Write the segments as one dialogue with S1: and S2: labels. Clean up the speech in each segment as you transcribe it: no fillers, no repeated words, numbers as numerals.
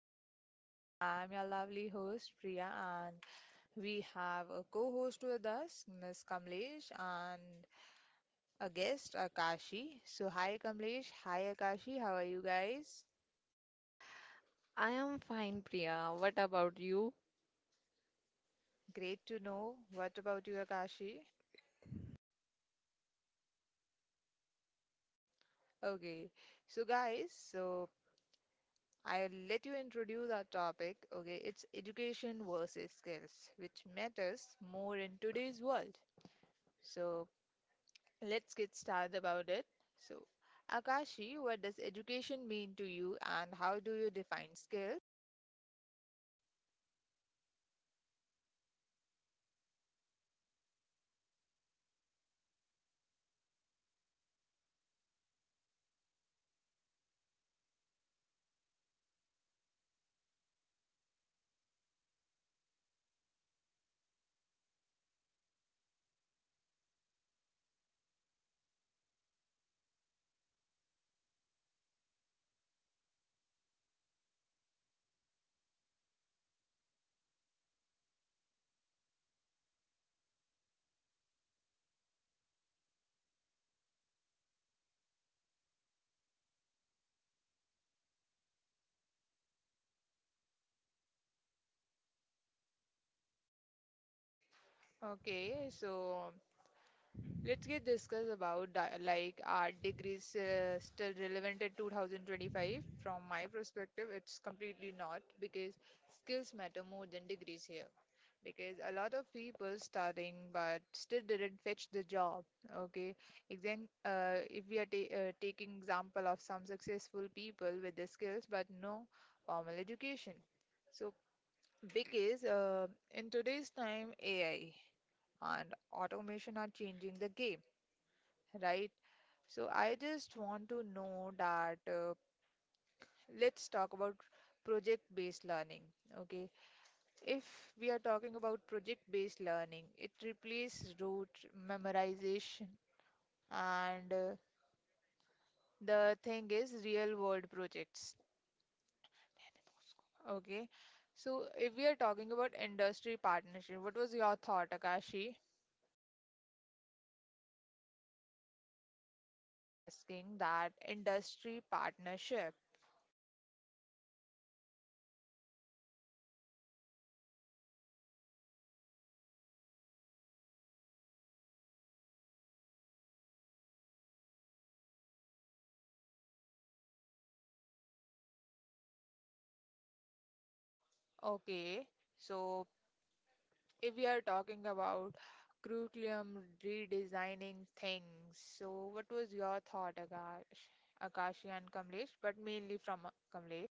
S1: podcast, guys. I'm your lovely host, Priya, and we have a co host with us, Miss Kamlesh, and a guest, Akashi. So, hi, Kamlesh. Hi, Akashi. How are you guys?
S2: I am fine, Priya. What about you?
S1: Great to know. What about you, Akashi? Okay, so guys, so I'll let you introduce our topic. Okay, it's education versus skills, which matters more in today's world. So, let's get started about it. So, Akashi, what does education mean to you and how do you define skill? Okay, so let's get discuss about like are degrees still relevant in 2025? From my perspective, it's completely not, because skills matter more than degrees here, because a lot of people studying but still didn't fetch the job. Okay. If we are taking example of some successful people with the skills but no formal education. So because in today's time, AI and automation are changing the game, right? So I just want to know that, let's talk about project based learning. Okay. If we are talking about project-based learning, it replaces rote memorization and the thing is real-world projects. Okay. So if we are talking about industry partnership, what was your thought, Akashi? Asking that industry partnership. Okay. So if we are talking about curriculum redesigning things, so what was your thought, Akash? Akashi and Kamlesh, but mainly from Kamlesh.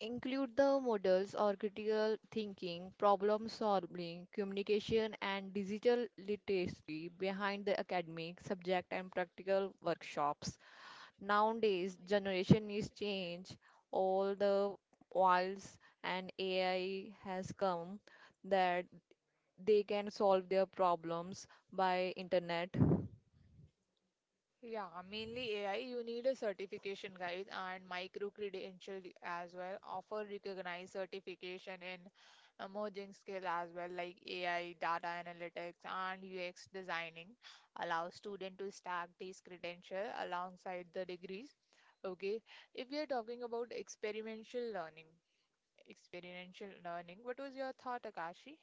S2: Include the models or critical thinking, problem solving, communication, and digital literacy behind the academic, subject, and practical workshops. Nowadays, generation is change all the whiles, and AI has come that they can solve their problems by internet.
S1: Yeah, mainly AI, you need a certification, guys, and micro credential as well. Offer recognized certification in emerging skill as well, like AI, data analytics, and UX designing. Allow student to stack these credential alongside the degrees. Okay, if we are talking about experiential learning, what was your thought, Akashi?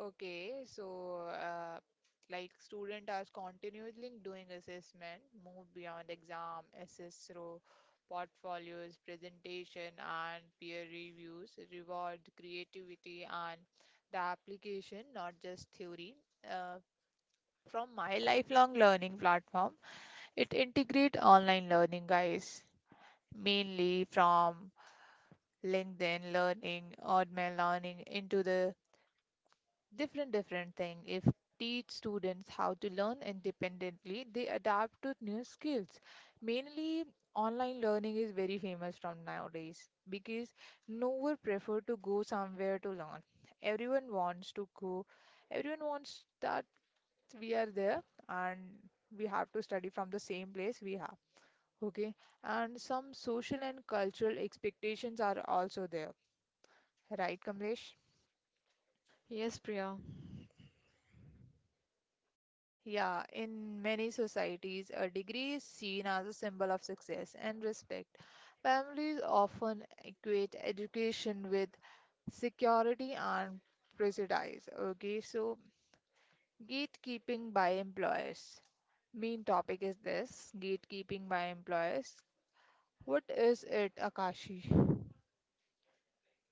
S1: Okay, so like student are continuously doing assessment, move beyond exam, assess through portfolios, presentation, and peer reviews, reward creativity and the application, not just theory. Uh, from my lifelong learning platform, it integrate online learning, guys, mainly from LinkedIn Learning, Odman Learning into the different thing. If teach students how to learn independently, they adapt to new skills. Mainly online learning is very famous from nowadays, because no one prefer to go somewhere to learn. Everyone wants to go, everyone wants that we are there and we have to study from the same place we have. Okay, and some social and cultural expectations are also there, right, Kamlesh?
S2: Yes, Priya.
S1: Yeah, in many societies, a degree is seen as a symbol of success and respect. Families often equate education with security and prejudice. Okay, so gatekeeping by employers. Main topic is this gatekeeping by employers. What is it, Akashi?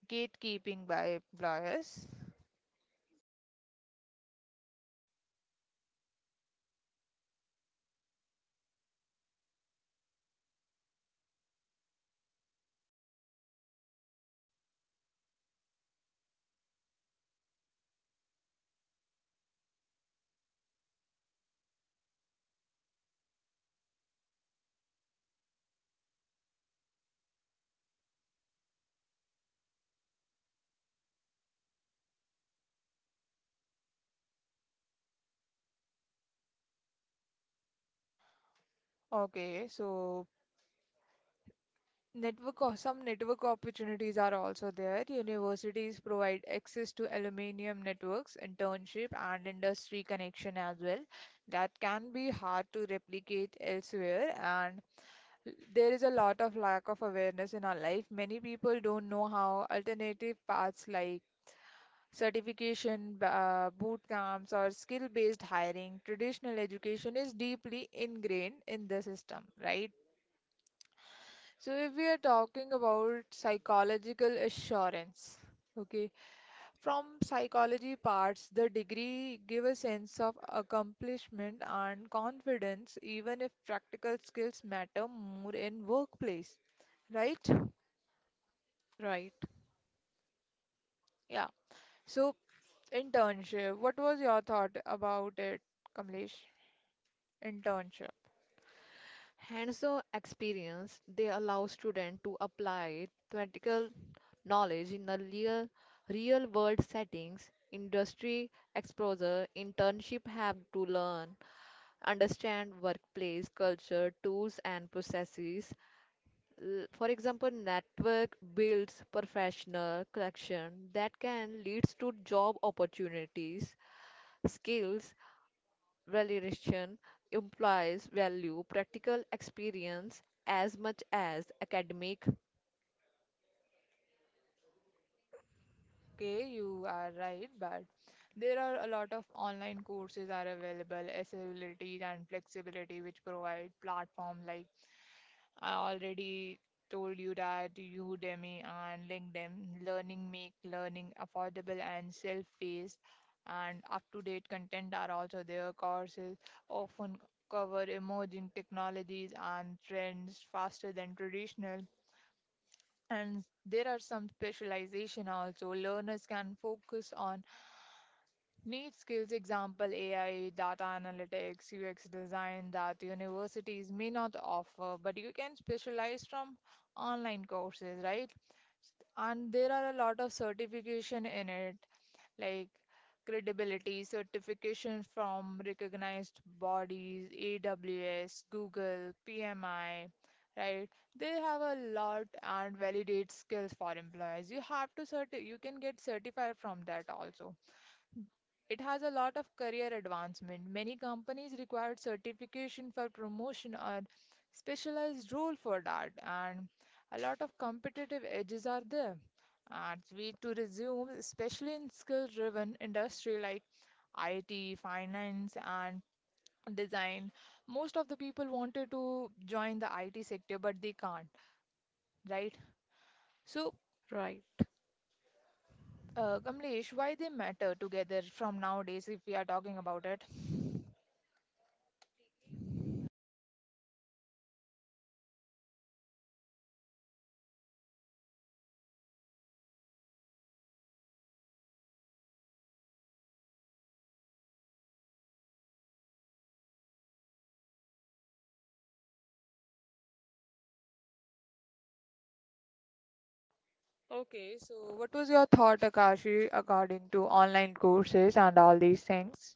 S1: Gatekeeping by employers. Okay, so network or some network opportunities are also there. Universities provide access to aluminium networks, internship, and industry connection as well. That can be hard to replicate elsewhere, and there is a lot of lack of awareness in our life. Many people don't know how alternative paths like certification, boot camps, or skill based hiring, traditional education is deeply ingrained in the system, right? So if we are talking about psychological assurance, okay, from psychology parts, the degree give a sense of accomplishment and confidence, even if practical skills matter more in workplace, right?
S2: Right.
S1: Yeah. So internship, what was your thought about it, Kamlesh? Internship.
S2: Hands-on experience, they allow students to apply theoretical knowledge in a real-world settings. Industry exposure, internship have to learn, understand workplace culture, tools and processes. For example, network builds professional collection that can lead to job opportunities, skills Valuation implies value practical experience as much as academic
S1: Okay, you are right, but there are a lot of online courses are available, accessibility and flexibility, which provide platform like I already told you that Udemy and LinkedIn Learning make learning affordable and self-paced, and up-to-date content are also there. Courses often cover emerging technologies and trends faster than traditional, and there are some specialization also. Learners can focus on need skills, example AI, data analytics, UX design that universities may not offer, but you can specialize from online courses, right? And there are a lot of certification in it, like credibility, certification from recognized bodies, AWS, Google, PMI, right? They have a lot and validate skills for employers. You have to certi you can get certified from that also. It has a lot of career advancement. Many companies require certification for promotion or specialized role for that, and a lot of competitive edges are there and we to resume, especially in skill-driven industry like IT, finance, and design. Most of the people wanted to join the IT sector, but they can't, right? So,
S2: right.
S1: Kamlesh, why they matter together from nowadays if we are talking about it? Okay, so what was your thought, Akashi, according to online courses and all these things?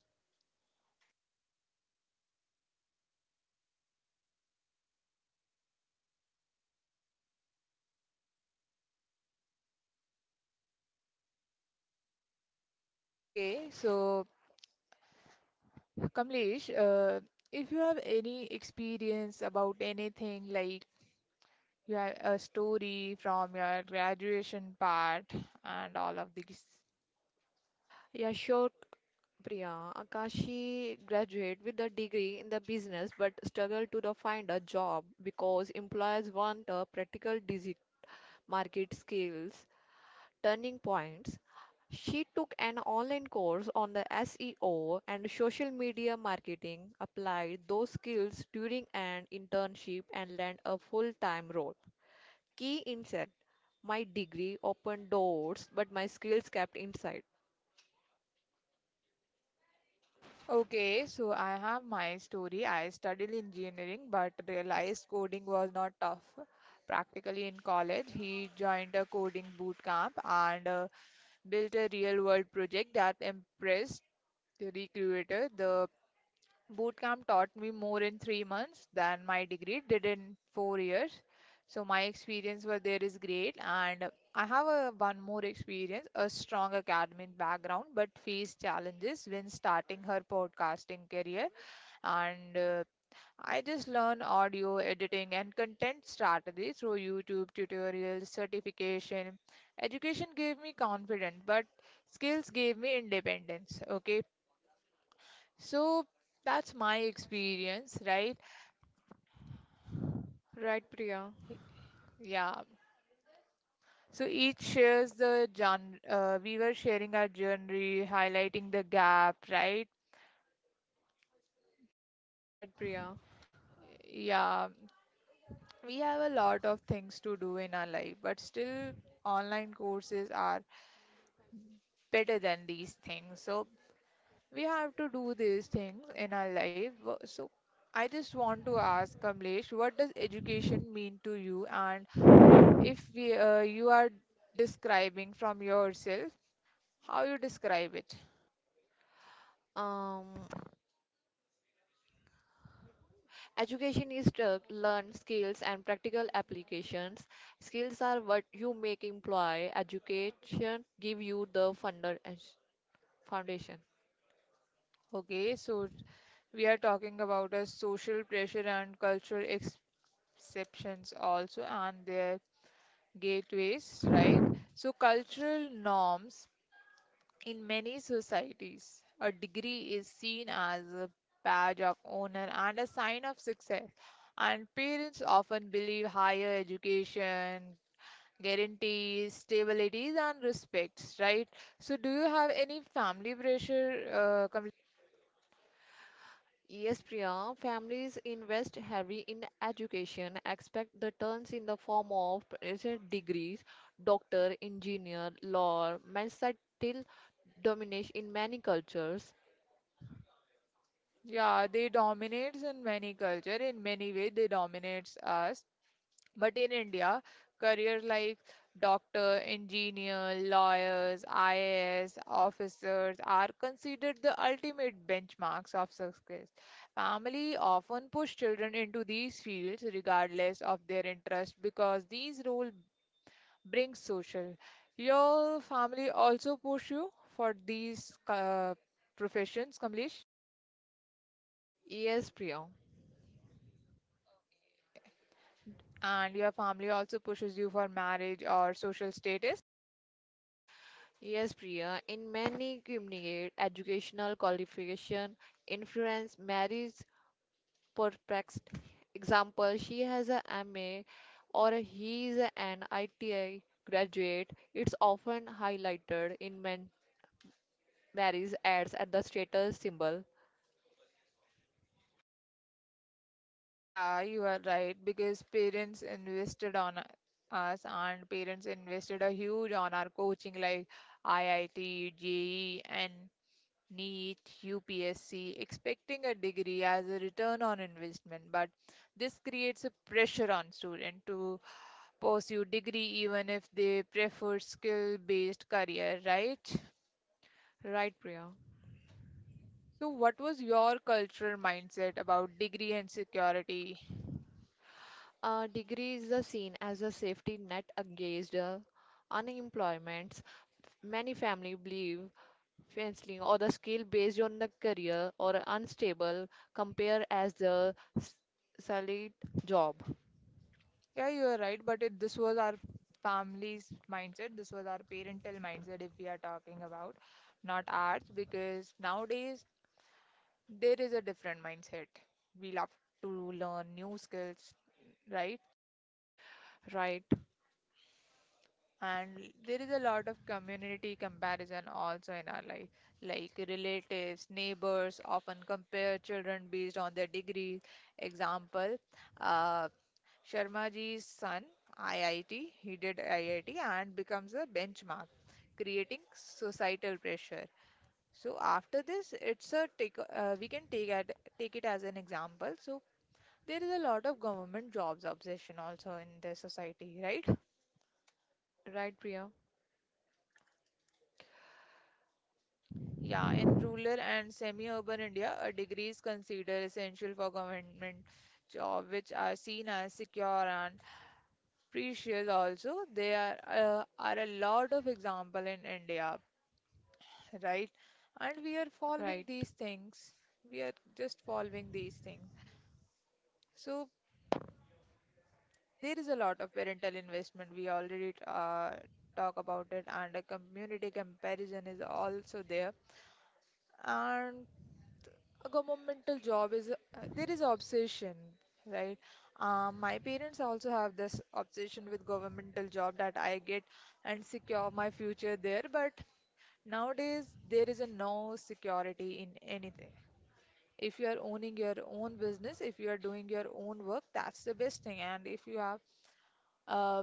S1: Okay, so Kamlesh, if you have any experience about anything, like you have a story from your graduation part and all of these.
S2: Yeah, sure, Priya. Akashi graduated with a degree in the business but struggled to the find a job because employers want a practical market skills. Turning points. She took an online course on the SEO and social media marketing, applied those skills during an internship, and landed a full time role. Key insert. My degree opened doors, but my skills kept inside.
S1: Okay, so I have my story. I studied engineering but realized coding was not tough practically in college. He joined a coding boot camp and built a real world project that impressed the recruiter. The bootcamp taught me more in 3 months than my degree did in 4 years. So my experience over there is great, and I have a one more experience, a strong academic background, but faced challenges when starting her podcasting career, and I just learn audio editing and content strategy through YouTube tutorials, certification. Education gave me confidence, but skills gave me independence. Okay, so that's my experience, right?
S2: Right, Priya.
S1: Yeah. So each shares the genre. We were sharing our journey, highlighting the gap, right?
S2: Right, Priya.
S1: Yeah. We have a lot of things to do in our life, but still, online courses are better than these things. So we have to do these things in our life. So I just want to ask Kamlesh, what does education mean to you? And if we, you are describing from yourself, how you describe it?
S2: Um, Education is to learn skills and practical applications. Skills are what you make employ. Education give you the foundation.
S1: Okay, so we are talking about a social pressure and cultural exceptions also and their gateways, right? So cultural norms, in many societies, a degree is seen as a badge of honor and a sign of success, and parents often believe higher education guarantees stability and respects, right? So, do you have any family pressure?
S2: Yes, Priya, families invest heavy in education, expect the turns in the form of is it degrees, doctor, engineer, law, medicine till domination in many cultures.
S1: Yeah, they dominates in many culture. In many way, they dominates us. But in India, careers like doctor, engineer, lawyers, IAS, officers are considered the ultimate benchmarks of success. Family often push children into these fields regardless of their interest because these roles bring social. Your family also push you for these professions, Kamlesh,
S2: Yes, Priya.
S1: and your family also pushes you for marriage or social status.
S2: Yes, Priya. In many communicate educational qualification, influence, marriage, perplexed. Example, she has a MA or he is an ITI graduate. It's often highlighted in men Varys adds at the status symbol.
S1: Yeah, you are right, because parents invested on us and parents invested a huge on our coaching like IIT, JEE and NEET, UPSC, expecting a degree as a return on investment. But this creates a pressure on students to pursue degree even if they prefer skill-based career, right?
S2: Right, Priya.
S1: So what was your cultural mindset about degree and security?
S2: A degree is the seen as a safety net against unemployment. Many families believe fenceling or the skill based on the career or unstable compare as the solid job.
S1: Yeah, you are right. But if this was our family's mindset, this was our parental mindset, if we are talking about, not ours, because nowadays there is a different mindset. We love to learn new skills, right?
S2: Right.
S1: And there is a lot of community comparison also in our life, like relatives, neighbors often compare children based on their degree. Example, uh, Sharma ji's son, IIT, he did IIT and becomes a benchmark creating societal pressure. So after this, it's a take. We can take at take it as an example. So there is a lot of government jobs obsession also in the society, right?
S2: Right, Priya.
S1: Yeah, in rural and semi-urban India, a degree is considered essential for government job, which are seen as secure and precious. Also, there are a lot of example in India, right? And we are following
S2: Right,
S1: these things. We are just following these things. So there is a lot of parental investment. We already talk about it, and a community comparison is also there. And a governmental job is there is obsession, right? My parents also have this obsession with governmental job that I get and secure my future there. But nowadays there is a no security in anything. If you are owning your own business, if you are doing your own work, that's the best thing. And if you have uh,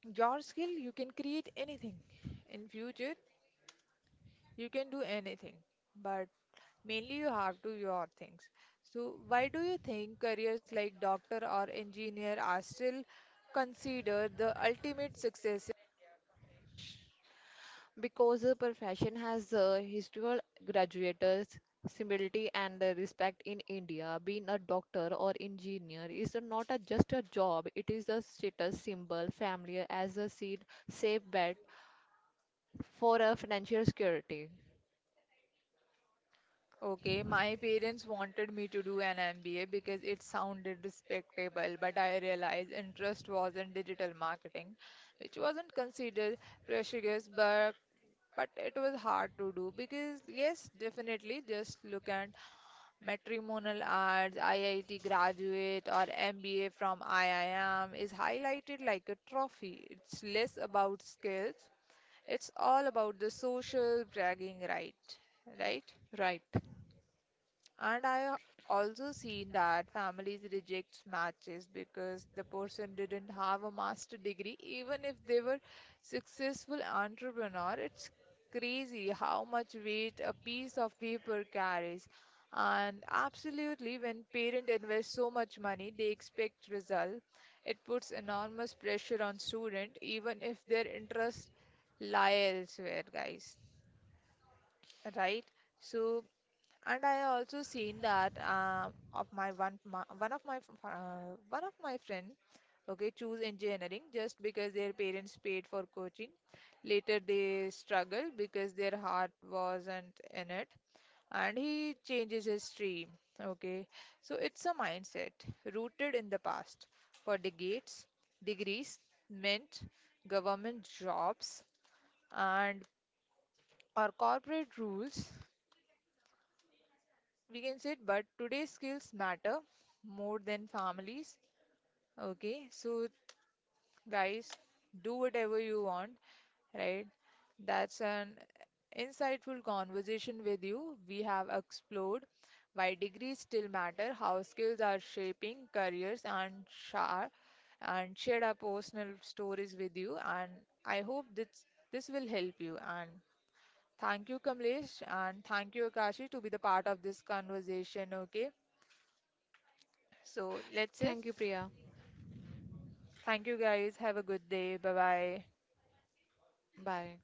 S1: your skill, you can create anything in future, you can do anything, but mainly you have to your things. So why do you think careers like doctor or engineer are still considered the ultimate success wish?
S2: because the profession has historical graduates, humility and respect in India. Being a doctor or engineer is not a, just a job; it is a status symbol, family as a seed, safe bet for a financial security.
S1: Okay, my parents wanted me to do an MBA because it sounded respectable, but I realized interest was in digital marketing, which wasn't considered prestigious, but it was hard to do because, yes, definitely. Just look at matrimonial ads, IIT graduate or MBA from IIM is highlighted like a trophy. It's less about skills, it's all about the social bragging, right? Right.
S2: Right.
S1: And I also seen that families rejects matches because the person didn't have a master degree even if they were successful entrepreneur. It's crazy how much weight a piece of paper carries. And absolutely, when parents invest so much money, they expect result. It puts enormous pressure on student, even if their interests lie elsewhere, guys. Right? So, and I also seen that of my, one of my fr- one of my friend, okay, choose engineering just because their parents paid for coaching. Later they struggled because their heart wasn't in it and he changes his stream. Okay, so it's a mindset rooted in the past. For decades degrees meant government jobs and or corporate rules, we can say it, but today's skills matter more than families. Okay, so guys, do whatever you want, right? That's an insightful conversation with you. We have explored why degrees still matter, how skills are shaping careers, and share and shared our personal stories with you. And I hope this will help you. And thank you, Kamlesh, and thank you, Akashi, to be the part of this conversation. Okay, so let's it.
S2: Thank you, Priya.
S1: Thank you, guys. Have a good day. Bye bye.
S2: Bye.